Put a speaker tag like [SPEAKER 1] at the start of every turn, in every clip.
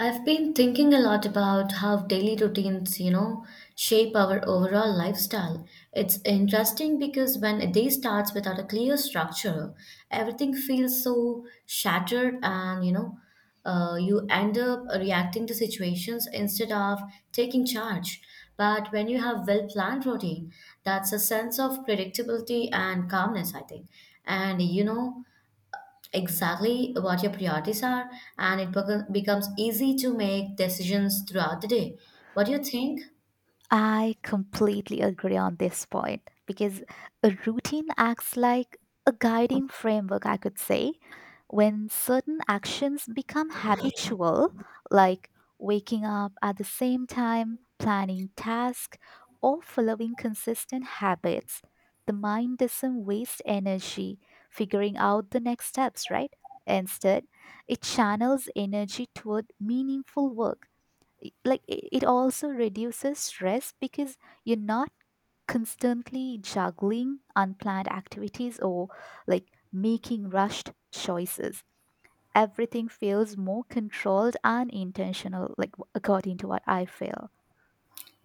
[SPEAKER 1] I've been thinking a lot about how daily routines, shape our overall lifestyle. It's interesting because when a day starts without a clear structure, everything feels so shattered and you end up reacting to situations instead of taking charge. But when you have well-planned routine, that's a sense of predictability and calmness, I think. And you know exactly what your priorities are, and it becomes easy to make decisions throughout the day. What do you think?
[SPEAKER 2] I completely agree on this point because a routine acts like a guiding framework, I could say. When certain actions become habitual, like waking up at the same time, planning tasks, or following consistent habits, the mind doesn't waste energy figuring out the next steps, right? Instead, it channels energy toward meaningful work. It also reduces stress because you're not constantly juggling unplanned activities or like making rushed choices. Everything feels more controlled and intentional, like according to what I feel.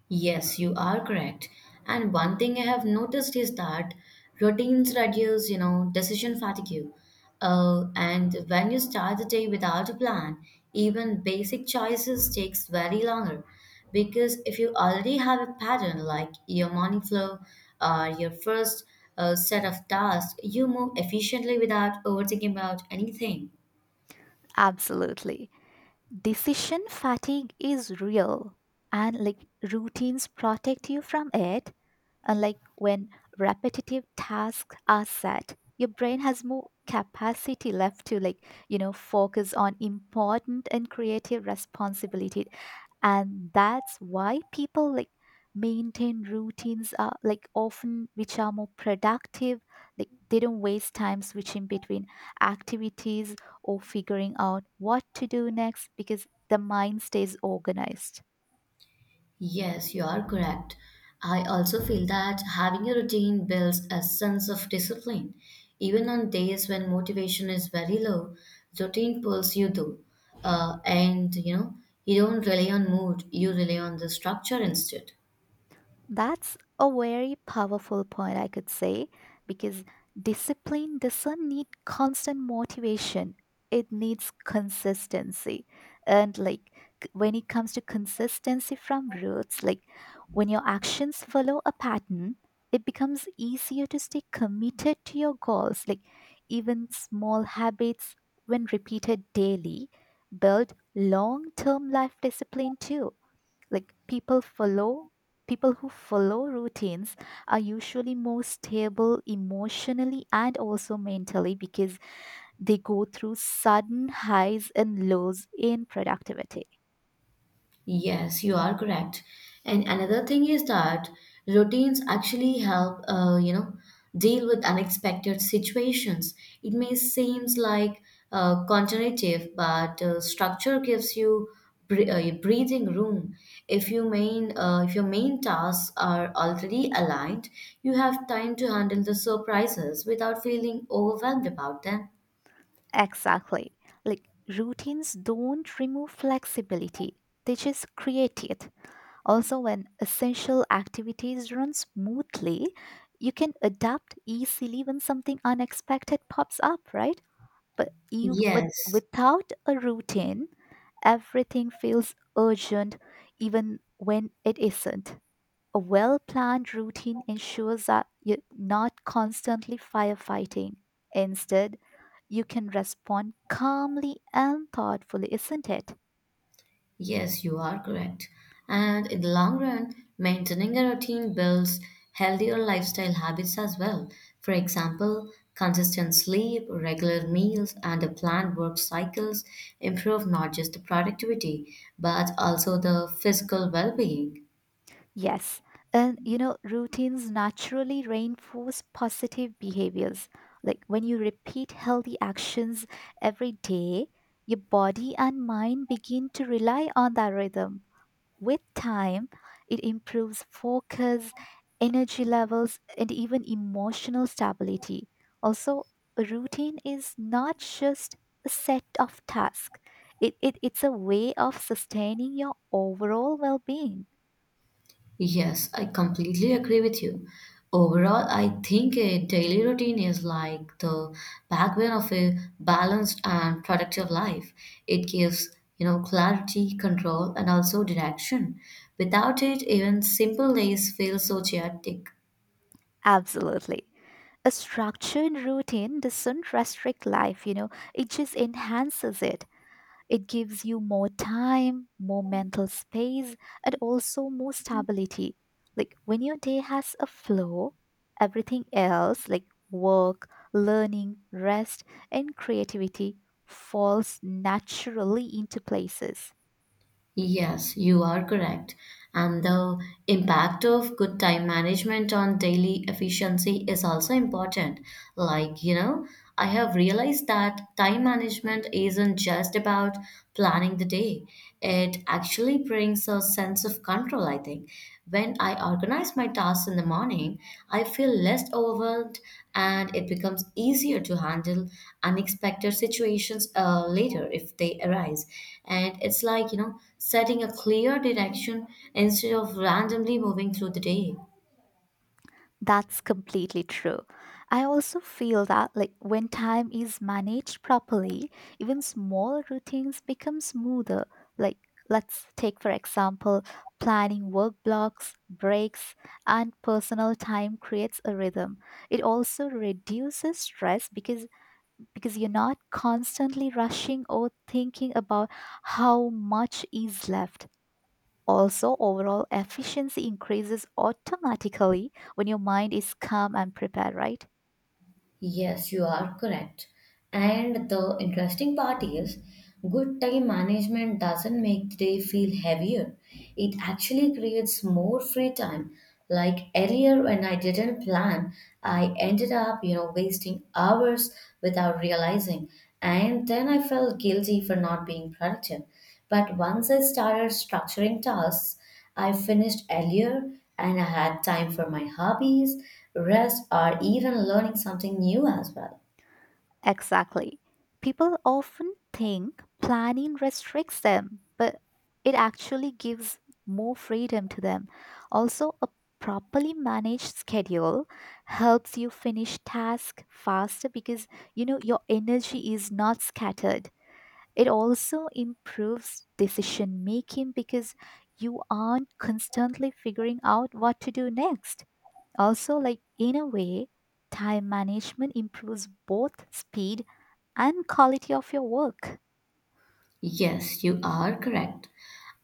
[SPEAKER 1] Yes, you are correct. And one thing I have noticed is that routines reduce, decision fatigue. And when you start the day without a plan, even basic choices takes very longer. Because if you already have a pattern like your morning flow or your first set of tasks, you move efficiently without overthinking about anything.
[SPEAKER 2] Absolutely, decision fatigue is real, and like routines protect you from it. Unlike when repetitive tasks are set, your brain has more capacity left to, like, you know, focus on important and creative responsibility. And that's why people like maintain routines are like often which are more productive, like they don't waste time switching between activities or figuring out what to do next because the mind stays organized.
[SPEAKER 1] Yes, you are correct. I also feel that having a routine builds a sense of discipline. Even on days when motivation is very low, routine pulls you through. And you don't rely on mood, you rely on the structure instead.
[SPEAKER 2] That's a very powerful point, I could say, because discipline doesn't need constant motivation. It needs consistency. And like, when it comes to consistency from roots, like when your actions follow a pattern, it becomes easier to stay committed to your goals. Like even small habits, when repeated daily, build long term life discipline too. Like people who follow routines are usually more stable emotionally and also mentally because they go through sudden highs and lows in productivity.
[SPEAKER 1] Yes, you are correct. And another thing is that routines actually help, deal with unexpected situations. It may seems like counterintuitive, but structure gives you breathing room. If your main tasks are already aligned, you have time to handle the surprises without feeling overwhelmed about them.
[SPEAKER 2] Exactly, like routines don't remove flexibility, they just create it. Also, when essential activities run smoothly, you can adapt easily when something unexpected pops up, right? But
[SPEAKER 1] Yes.
[SPEAKER 2] without a routine, everything feels urgent even when it isn't. A well-planned routine ensures that you're not constantly firefighting. Instead, you can respond calmly and thoughtfully, isn't it?
[SPEAKER 1] Yes, you are correct. And in the long run, maintaining a routine builds healthier lifestyle habits as well. For example, consistent sleep, regular meals, and a planned work cycles improve not just the productivity, but also the physical well being.
[SPEAKER 2] Yes. And you know, routines naturally reinforce positive behaviors. Like when you repeat healthy actions every day, your body and mind begin to rely on that rhythm. With time, it improves focus, energy levels, and even emotional stability. Also, a routine is not just a set of tasks, it's a way of sustaining your overall well being.
[SPEAKER 1] Yes, I completely agree with you. Overall, I think a daily routine is like the backbone of a balanced and productive life. It gives, clarity, control, and also direction. Without it, even simple days feel so chaotic.
[SPEAKER 2] Absolutely. A structured routine doesn't restrict life, you know, it just enhances it. It gives you more time, more mental space, and also more stability. Like when your day has a flow, everything else, like work, learning, rest, and creativity, falls naturally into places.
[SPEAKER 1] Yes, you are correct. And the impact of good time management on daily efficiency is also important. Like, you know, I have realized that time management isn't just about planning the day, it actually brings a sense of control, I think. When I organize my tasks in the morning, I feel less overwhelmed and it becomes easier to handle unexpected situations later if they arise. And it's like, setting a clear direction instead of randomly moving through the day.
[SPEAKER 2] That's completely true. I also feel that, like, when time is managed properly, even small routines become smoother. Like, let's take for example, planning work blocks, breaks, and personal time creates a rhythm. It also reduces stress because you're not constantly rushing or thinking about how much is left. Also, overall efficiency increases automatically when your mind is calm and prepared, right?
[SPEAKER 1] Yes, you are correct. And the interesting part is, good time management doesn't make the day feel heavier. It actually creates more free time. Like earlier, when I didn't plan, I ended up, wasting hours without realizing. And then I felt guilty for not being productive. But once I started structuring tasks, I finished earlier and I had time for my hobbies, rest, or even learning something new as well.
[SPEAKER 2] Exactly. People often think planning restricts them, but it actually gives more freedom to them. Also, a properly managed schedule helps you finish tasks faster because you know your energy is not scattered. It also improves decision making because you aren't constantly figuring out what to do next. Also, like, in a way, time management improves both speed and quality of your work.
[SPEAKER 1] Yes, you are correct.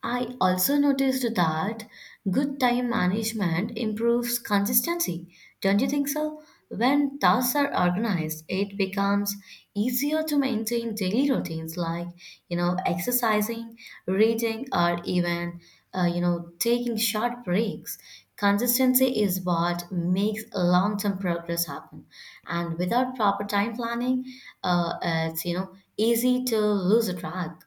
[SPEAKER 1] I also noticed that good time management improves consistency. Don't you think so? When tasks are organized, it becomes easier to maintain daily routines like, exercising, reading, or even, taking short breaks. Consistency is what makes long term progress happen. And without proper time planning, it's, you know, easy to lose a track.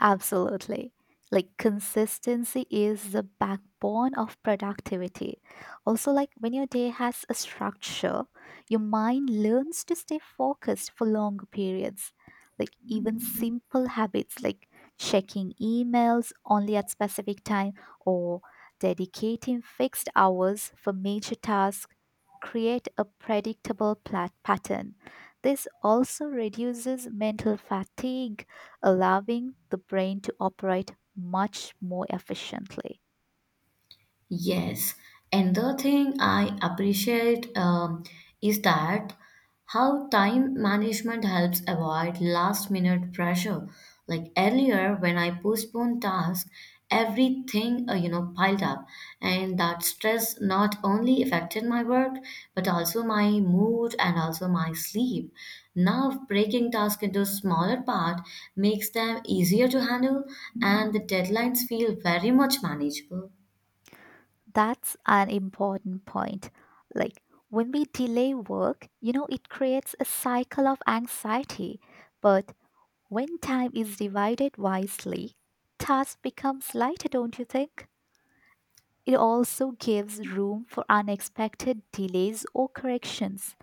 [SPEAKER 2] Absolutely. Like consistency is the backbone of productivity. Also, like when your day has a structure, your mind learns to stay focused for long periods. Like even simple habits like checking emails only at specific time or dedicating fixed hours for major tasks create a predictable pattern. This also reduces mental fatigue, allowing the brain to operate much more efficiently.
[SPEAKER 1] Yes, and the thing I appreciate is that how time management helps avoid last minute pressure. Like earlier, when I postponed tasks, everything piled up, and that stress not only affected my work but also my mood and also my sleep. Now, breaking tasks into smaller part makes them easier to handle, and the deadlines feel very much manageable.
[SPEAKER 2] That's an important point. Like when we delay work, you know, it creates a cycle of anxiety. But when time is divided wisely, tasks becomes lighter, don't you think? It also gives room for unexpected delays or corrections.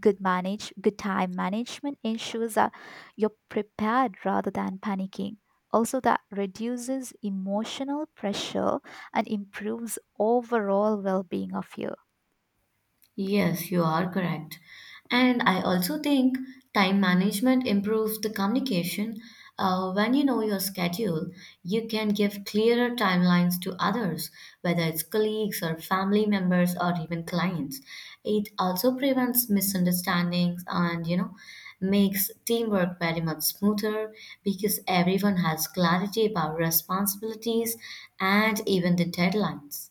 [SPEAKER 2] Good time management ensures that you're prepared rather than panicking. Also, that reduces emotional pressure and improves overall well-being of you.
[SPEAKER 1] Yes, you are correct. And I also think time management improves the communication. When you know your schedule, you can give clearer timelines to others, whether it's colleagues or family members or even clients. It also prevents misunderstandings and, makes teamwork very much smoother because everyone has clarity about responsibilities and even the deadlines.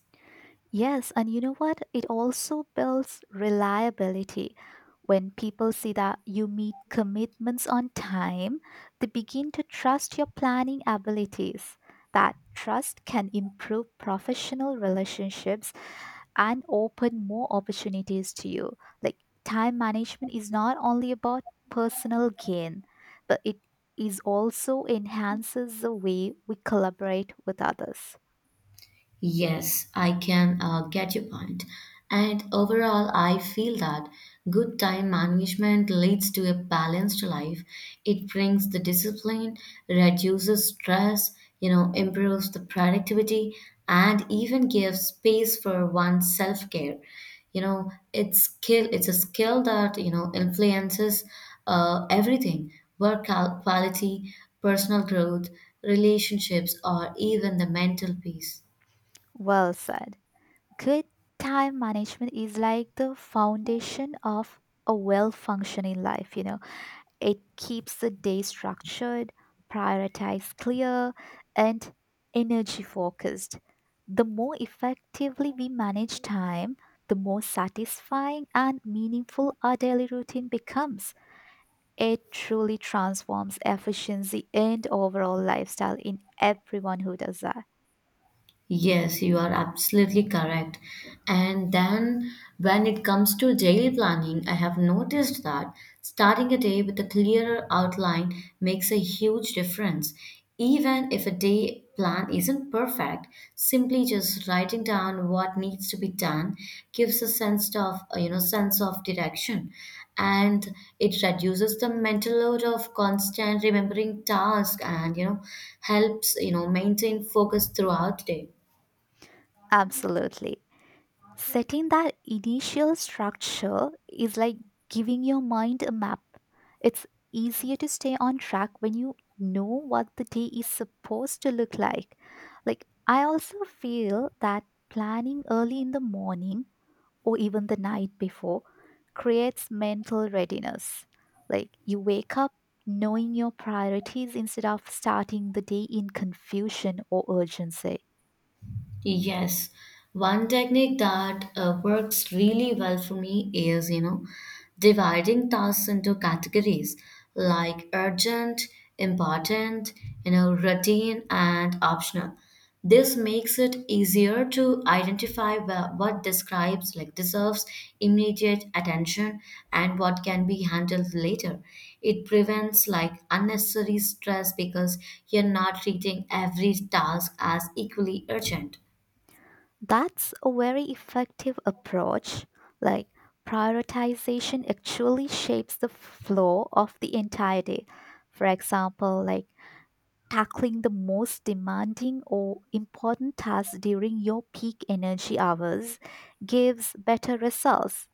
[SPEAKER 2] Yes, and you know what? It also builds reliability. When people see that you meet commitments on time, they begin to trust your planning abilities. That trust can improve professional relationships and open more opportunities to you. Like time management is not only about personal gain, but it is also enhances the way we collaborate with others.
[SPEAKER 1] Yes, I can get your point. And overall, I feel that good time management leads to a balanced life. It brings the discipline, reduces stress, improves the productivity, and even gives space for one's self-care. You know, it's skill. It's a skill that you know influences everything: work out quality, personal growth, relationships, or even the mental peace.
[SPEAKER 2] Well said. Good time management is like the foundation of a well functioning life, you know. It keeps the day structured, prioritized clear, and energy focused. The more effectively we manage time, the more satisfying and meaningful our daily routine becomes. It truly transforms efficiency and overall lifestyle in everyone who does that.
[SPEAKER 1] Yes, you are absolutely correct. And then when it comes to daily planning, I have noticed that starting a day with a clearer outline makes a huge difference. Even if a day plan isn't perfect, simply just writing down what needs to be done gives a sense of direction. And it reduces the mental load of constant remembering tasks and, helps, maintain focus throughout the day.
[SPEAKER 2] Absolutely. Setting that initial structure is like giving your mind a map. It's easier to stay on track when you know what the day is supposed to look like. Like, I also feel that planning early in the morning or even the night before creates mental readiness. Like, you wake up knowing your priorities instead of starting the day in confusion or urgency.
[SPEAKER 1] Yes, one technique that works really well for me is, dividing tasks into categories like urgent, important, routine, and optional. This makes it easier to identify what describes, like, deserves immediate attention and what can be handled later. It prevents, like, unnecessary stress because you're not treating every task as equally urgent.
[SPEAKER 2] That's a very effective approach. Like, prioritization actually shapes the flow of the entire day. For example, like tackling the most demanding or important tasks during your peak energy hours gives better results.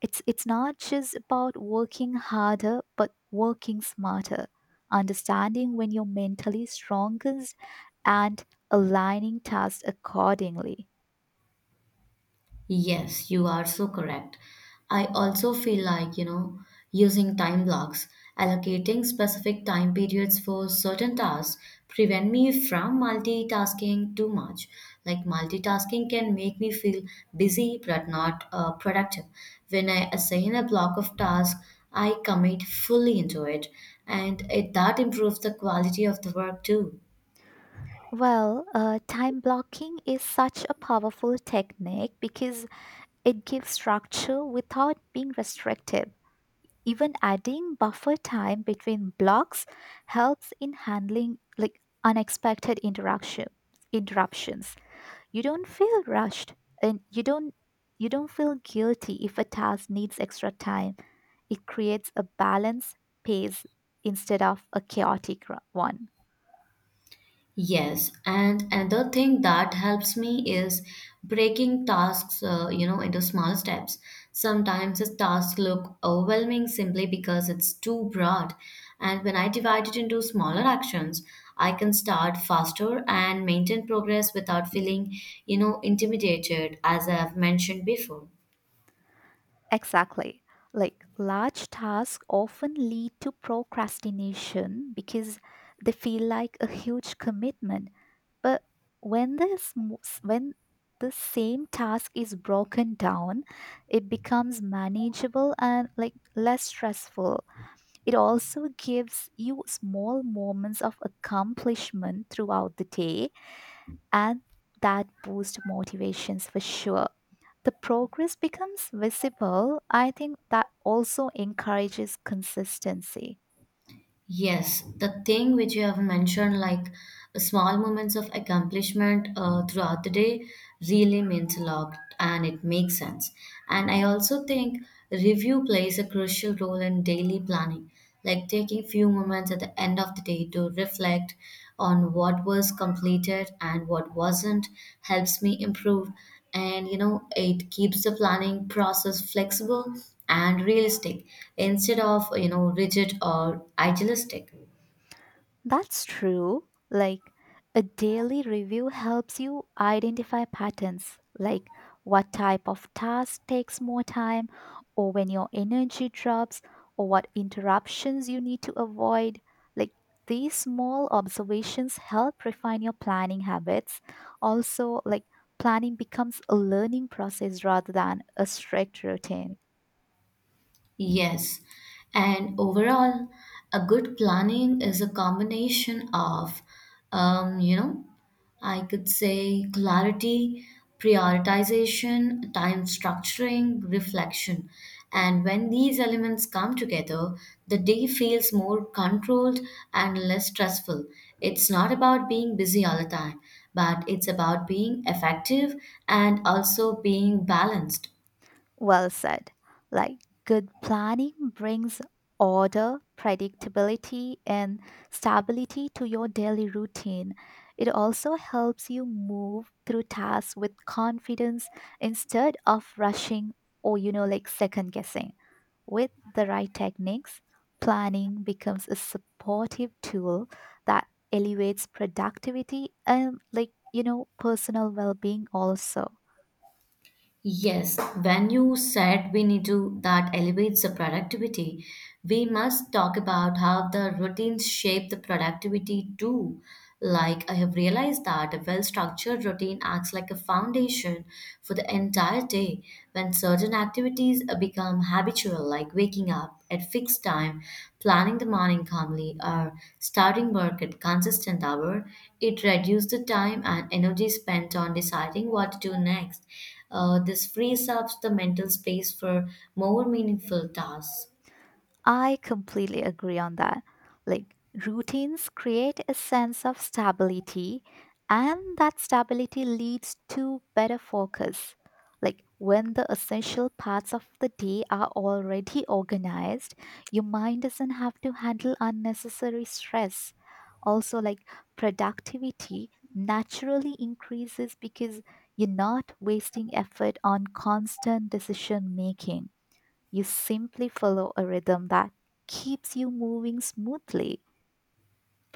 [SPEAKER 2] It's not just about working harder, but working smarter, understanding when you're mentally strongest, and aligning tasks accordingly.
[SPEAKER 1] Yes, you are so correct. I also feel like, using time blocks, allocating specific time periods for certain tasks prevent me from multitasking too much. Like multitasking can make me feel busy but not productive. When I assign a block of tasks, I commit fully into it, and that improves the quality of the work too.
[SPEAKER 2] Well, time blocking is such a powerful technique because it gives structure without being restrictive. Even adding buffer time between blocks helps in handling like unexpected interaction interruptions. You don't feel rushed and you don't feel guilty if a task needs extra time. It creates a balanced pace instead of a chaotic one.
[SPEAKER 1] Yes, and another thing that helps me is breaking tasks, into small steps. Sometimes a task look overwhelming simply because it's too broad, and when I divide it into smaller actions, I can start faster and maintain progress without feeling, intimidated, as I have mentioned before.
[SPEAKER 2] Exactly. Like large tasks often lead to procrastination because they feel like a huge commitment. But when this mo- s- when the same task is broken down, it becomes manageable and, like, less stressful. It also gives you small moments of accomplishment throughout the day, and that boosts motivations for sure. The progress becomes visible. I think that also encourages consistency.
[SPEAKER 1] Yes, the thing which you have mentioned, like small moments of accomplishment throughout the day, really means a lot and it makes sense. And I also think review plays a crucial role in daily planning, like taking few moments at the end of the day to reflect on what was completed and what wasn't helps me improve, and you know it keeps the planning process flexible and realistic instead of rigid or idealistic.
[SPEAKER 2] That's true. Like a daily review helps you identify patterns, like what type of task takes more time, or when your energy drops, or what interruptions you need to avoid. Like these small observations help refine your planning habits. Also, like, planning becomes a learning process rather than a strict routine.
[SPEAKER 1] Yes, and overall, a good planning is a combination of, um, you know, I could say clarity, prioritization, time structuring, reflection. And when these elements come together, the day feels more controlled and less stressful. It's not about being busy all the time, but it's about being effective and also being balanced.
[SPEAKER 2] Well said. Like good planning brings order, predictability, and stability to your daily routine. It also helps you move through tasks with confidence instead of rushing or, you know, like second guessing. With the right techniques, planning becomes a supportive tool that elevates productivity and, like, you know, personal well being also.
[SPEAKER 1] Yes, when you said we need to that elevates the productivity, we must talk about how the routines shape the productivity too. Like I have realized that a well-structured routine acts like a foundation for the entire day. When certain activities become habitual, like waking up at fixed time, planning the morning calmly, or starting work at consistent hour, it reduces the time and energy spent on deciding what to do next. This frees up the mental space for more meaningful tasks.
[SPEAKER 2] I completely agree on that. Like, routines create a sense of stability, and that stability leads to better focus. Like, when the essential parts of the day are already organized, your mind doesn't have to handle unnecessary stress. Also, like, productivity naturally increases because you're not wasting effort on constant decision making. You simply follow a rhythm that keeps you moving smoothly.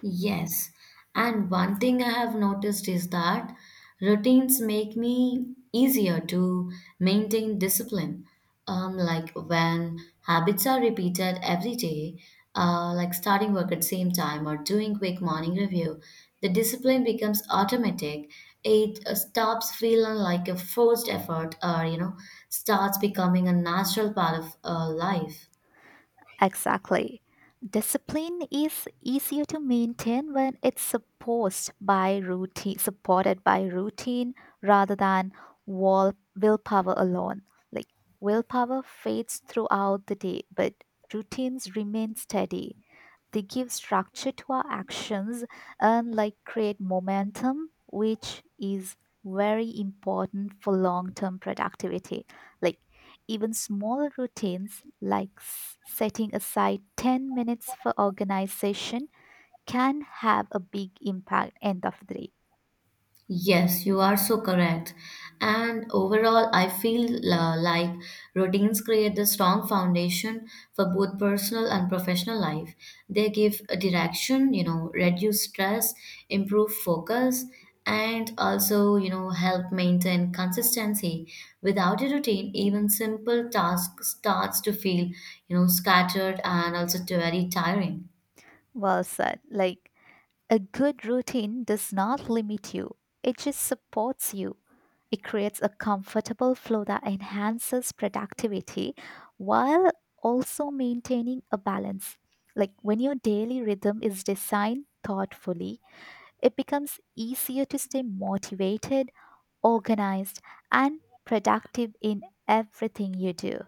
[SPEAKER 1] Yes, and one thing I have noticed is that routines make me easier to maintain discipline. Like when habits are repeated every day, like starting work at same time or doing quick morning review, the discipline becomes automatic. It stops feeling like a forced effort, or starts becoming a natural part of life.
[SPEAKER 2] Exactly. Discipline is easier to maintain when it's supposed by routine, supported by routine rather than willpower alone. Like willpower fades throughout the day, but routines remain steady. They give structure to our actions and like create momentum, which is very important for long term productivity. Like even small routines like setting aside 10 minutes for organization can have a big impact end of the day.
[SPEAKER 1] Yes, you are so correct. And overall, I feel like routines create the strong foundation for both personal and professional life. They give a direction, reduce stress, improve focus, and also, help maintain consistency. Without a routine, even simple tasks starts to feel, scattered and also very tiring.
[SPEAKER 2] Well said. Like, a good routine does not limit you, it just supports you. It creates a comfortable flow that enhances productivity while also maintaining a balance. Like when your daily rhythm is designed thoughtfully, it becomes easier to stay motivated, organized, and productive in everything you do.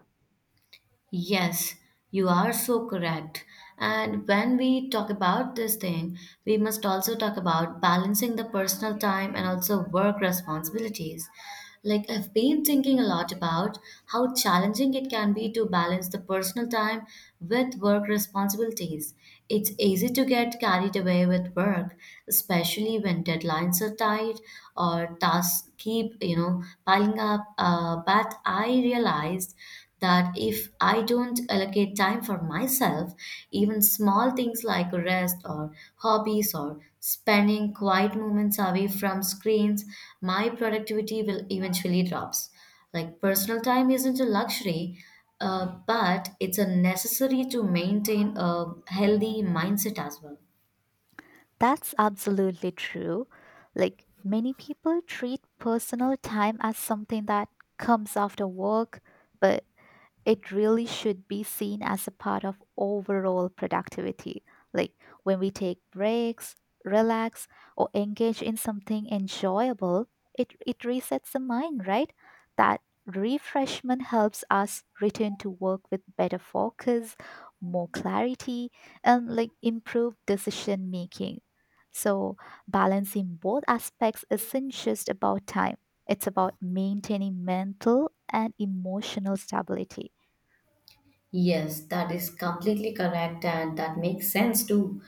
[SPEAKER 1] Yes, you are so correct. And when we talk about this thing, we must also talk about balancing the personal time and also work responsibilities. Like, I've been thinking a lot about how challenging it can be to balance the personal time with work responsibilities. It's easy to get carried away with work, especially when deadlines are tight or tasks keep, piling up. But I realized that if I don't allocate time for myself, even small things like rest or hobbies or spending quiet moments away from screens, my productivity will eventually drops. Like personal time isn't a luxury, but it's a necessary to maintain a healthy mindset as well.
[SPEAKER 2] That's absolutely true. Like, many people treat personal time as something that comes after work, but it really should be seen as a part of overall productivity. Like when we take breaks, relax, or engage in something enjoyable, it resets the mind, right? That refreshment helps us return to work with better focus, more clarity, and like improved decision making. So, balancing both aspects isn't just about time, it's about maintaining mental and emotional stability.
[SPEAKER 1] Yes, that is completely correct, and that makes sense too.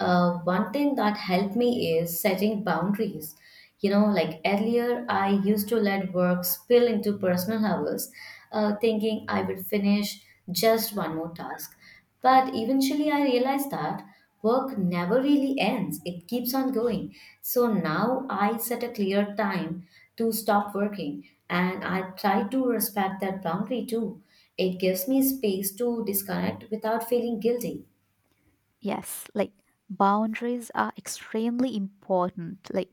[SPEAKER 1] One thing that helped me is setting boundaries. You know, like earlier, I used to let work spill into personal hours, thinking I would finish just one more task. But eventually, I realized that work never really ends, it keeps on going. So now I set a clear time to stop working and I try to respect that boundary too. It gives me space to disconnect without feeling guilty.
[SPEAKER 2] Yes, like boundaries are extremely important. Like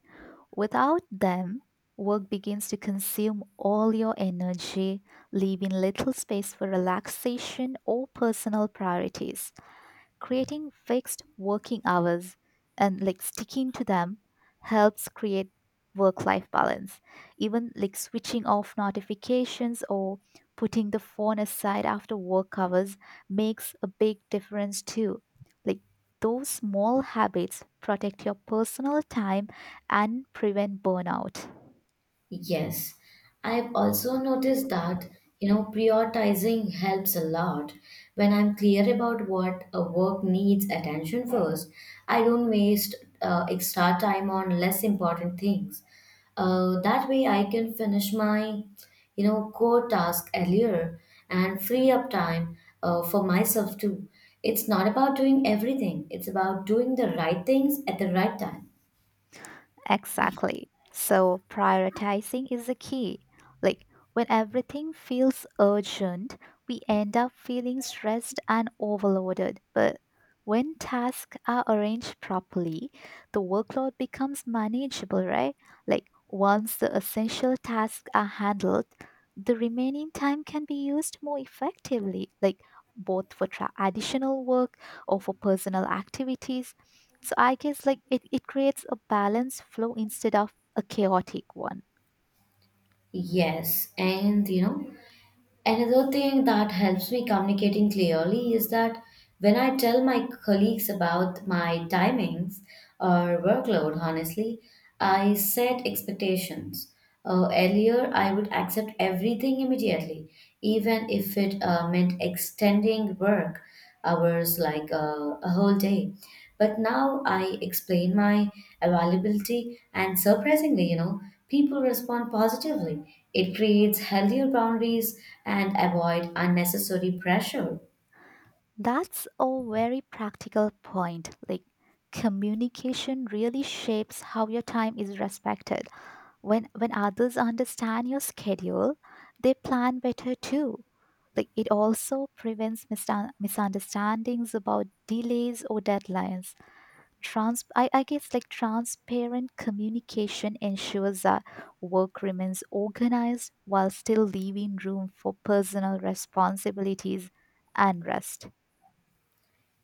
[SPEAKER 2] without them, work begins to consume all your energy, leaving little space for relaxation or personal priorities. Creating fixed working hours and like sticking to them helps create work life balance. Even like switching off notifications or putting the phone aside after work hours makes a big difference too. Like those small habits protect your personal time and prevent burnout.
[SPEAKER 1] Yes, I've also noticed that, prioritizing helps a lot. When I'm clear about what a work needs attention first, I don't waste extra time on less important things. That way I can finish my, core task earlier and free up time for myself too. It's not about doing everything, it's about doing the right things at the right time.
[SPEAKER 2] Exactly. So prioritizing is the key. Like when everything feels urgent, we end up feeling stressed and overloaded. But when tasks are arranged properly, the workload becomes manageable, right? Like once the essential tasks are handled, the remaining time can be used more effectively, like both for additional work or for personal activities. So I guess like it creates a balanced flow instead of a chaotic one.
[SPEAKER 1] Yes, and another thing that helps me communicating clearly is that when I tell my colleagues about my timings or workload, honestly, I set expectations. Earlier, I would accept everything immediately, even if it meant extending work hours, like a whole day. But now I explain my availability, and surprisingly, people respond positively. It creates healthier boundaries and avoid unnecessary pressure.
[SPEAKER 2] That's a very practical point. Like communication really shapes how your time is respected. When others understand your schedule, they plan better too. Like it also prevents misunderstandings about delays or deadlines. I guess like transparent communication ensures that work remains organized while still leaving room for personal responsibilities and rest.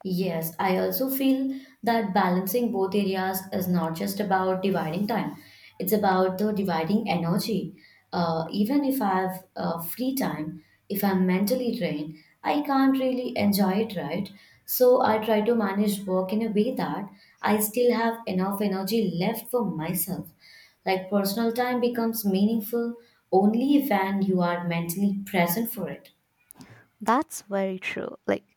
[SPEAKER 1] Yes, I also feel that balancing both areas is not just about dividing time, it's about the dividing energy. Even if I have free time, if I'm mentally drained, I can't really enjoy it, right? So I try to manage work in a way that I still have enough energy left for myself. Like personal time becomes meaningful only when you are mentally present for it.
[SPEAKER 2] That's very true. Like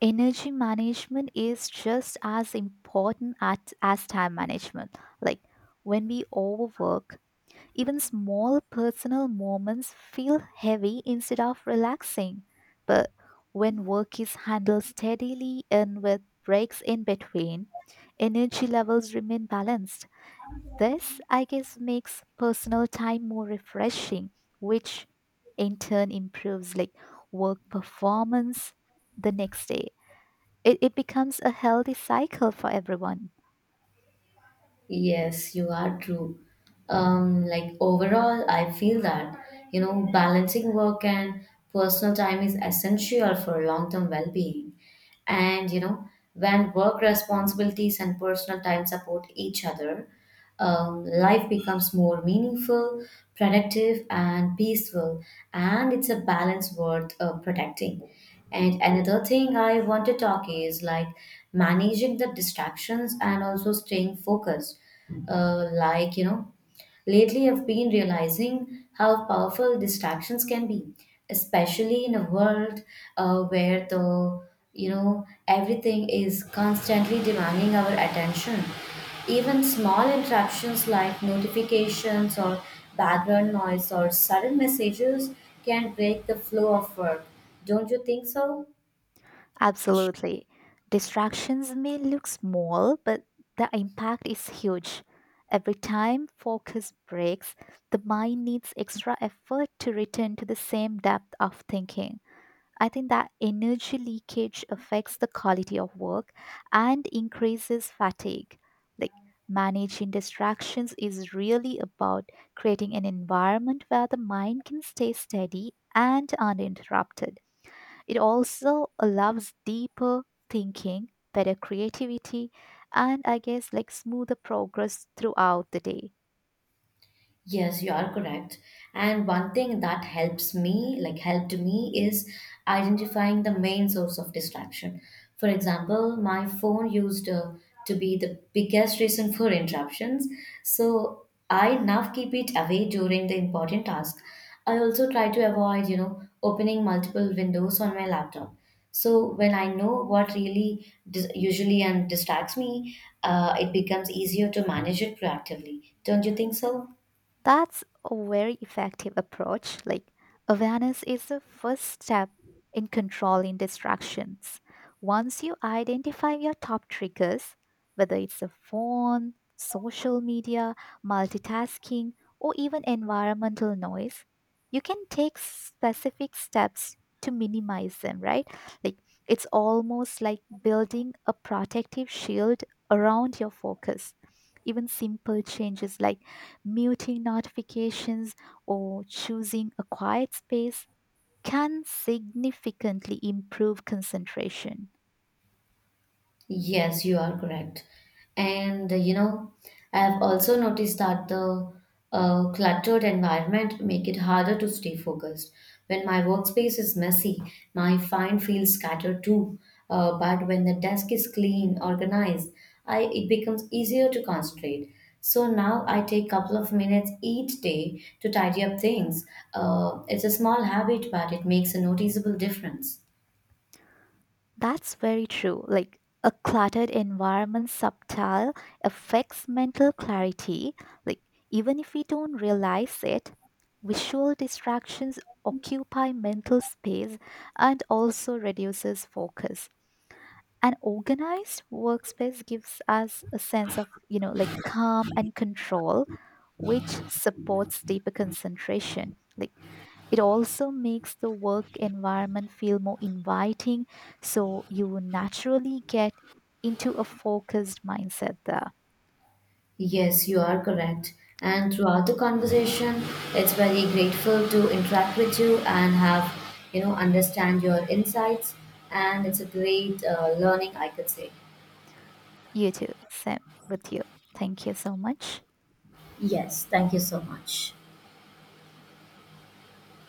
[SPEAKER 2] energy management is just as important as time management. Like when we overwork, even small personal moments feel heavy instead of relaxing. But when work is handled steadily and with breaks in between, energy levels remain balanced. This, I guess, makes personal time more refreshing, which in turn improves like work performance the next day. It becomes a healthy cycle for everyone.
[SPEAKER 1] Yes, you are true. Like overall, I feel that, balancing work and personal time is essential for long-term well-being. And, when work responsibilities and personal time support each other, life becomes more meaningful, productive, and peaceful. And it's a balance worth protecting. And another thing I want to talk is like managing the distractions and also staying focused. Uh, like, you know, Lately, I've been realizing how powerful distractions can be, especially in a world where the you know everything is constantly demanding our attention. Even small interruptions like notifications or background noise or sudden messages can break the flow of work. Don't you think so?
[SPEAKER 2] Absolutely. Distractions may look small, but the impact is huge. Every time focus breaks, the mind needs extra effort to return to the same depth of thinking. I think that energy leakage affects the quality of work and increases fatigue. Like managing distractions is really about creating an environment where the mind can stay steady and uninterrupted. It also allows deeper thinking, better creativity, and I guess like smoother progress throughout the day.
[SPEAKER 1] Yes, you are correct. And one thing that helps me, like helped me, is identifying the main source of distraction. For example, my phone used to be the biggest reason for interruptions. So I now keep it away during the important task. I also try to avoid, opening multiple windows on my laptop. So when I know what really usually and distracts me, it becomes easier to manage it proactively. Don't you think so?
[SPEAKER 2] That's a very effective approach. Like, awareness is the first step in controlling distractions. Once you identify your top triggers, whether it's a phone, social media, multitasking, or even environmental noise, you can take specific steps to minimize them, right? Like, it's almost like building a protective shield around your focus. Even simple changes like muting notifications, or choosing a quiet space can significantly improve concentration.
[SPEAKER 1] Yes, you are correct. And I have also noticed that the cluttered environment make it harder to stay focused. When my workspace is messy, my mind feels scattered too. But when the desk is clean, organized, I it becomes easier to concentrate. So now I take couple of minutes each day to tidy up things. It's a small habit, but it makes a noticeable difference.
[SPEAKER 2] That's very true. Like a cluttered environment subtile affects mental clarity. Like even if we don't realize it, visual distractions occupy mental space and also reduces focus. An organized workspace gives us a sense of, you know, like calm and control, which supports deeper concentration. Like it also makes the work environment feel more inviting, so you will naturally get into a focused mindset there.
[SPEAKER 1] Yes, you are correct. And throughout the conversation, it's very grateful to interact with you and have, understand your insights. And it's a great learning, I could say.
[SPEAKER 2] You too, Sam. With you, thank you so much.
[SPEAKER 1] Yes, thank you so much.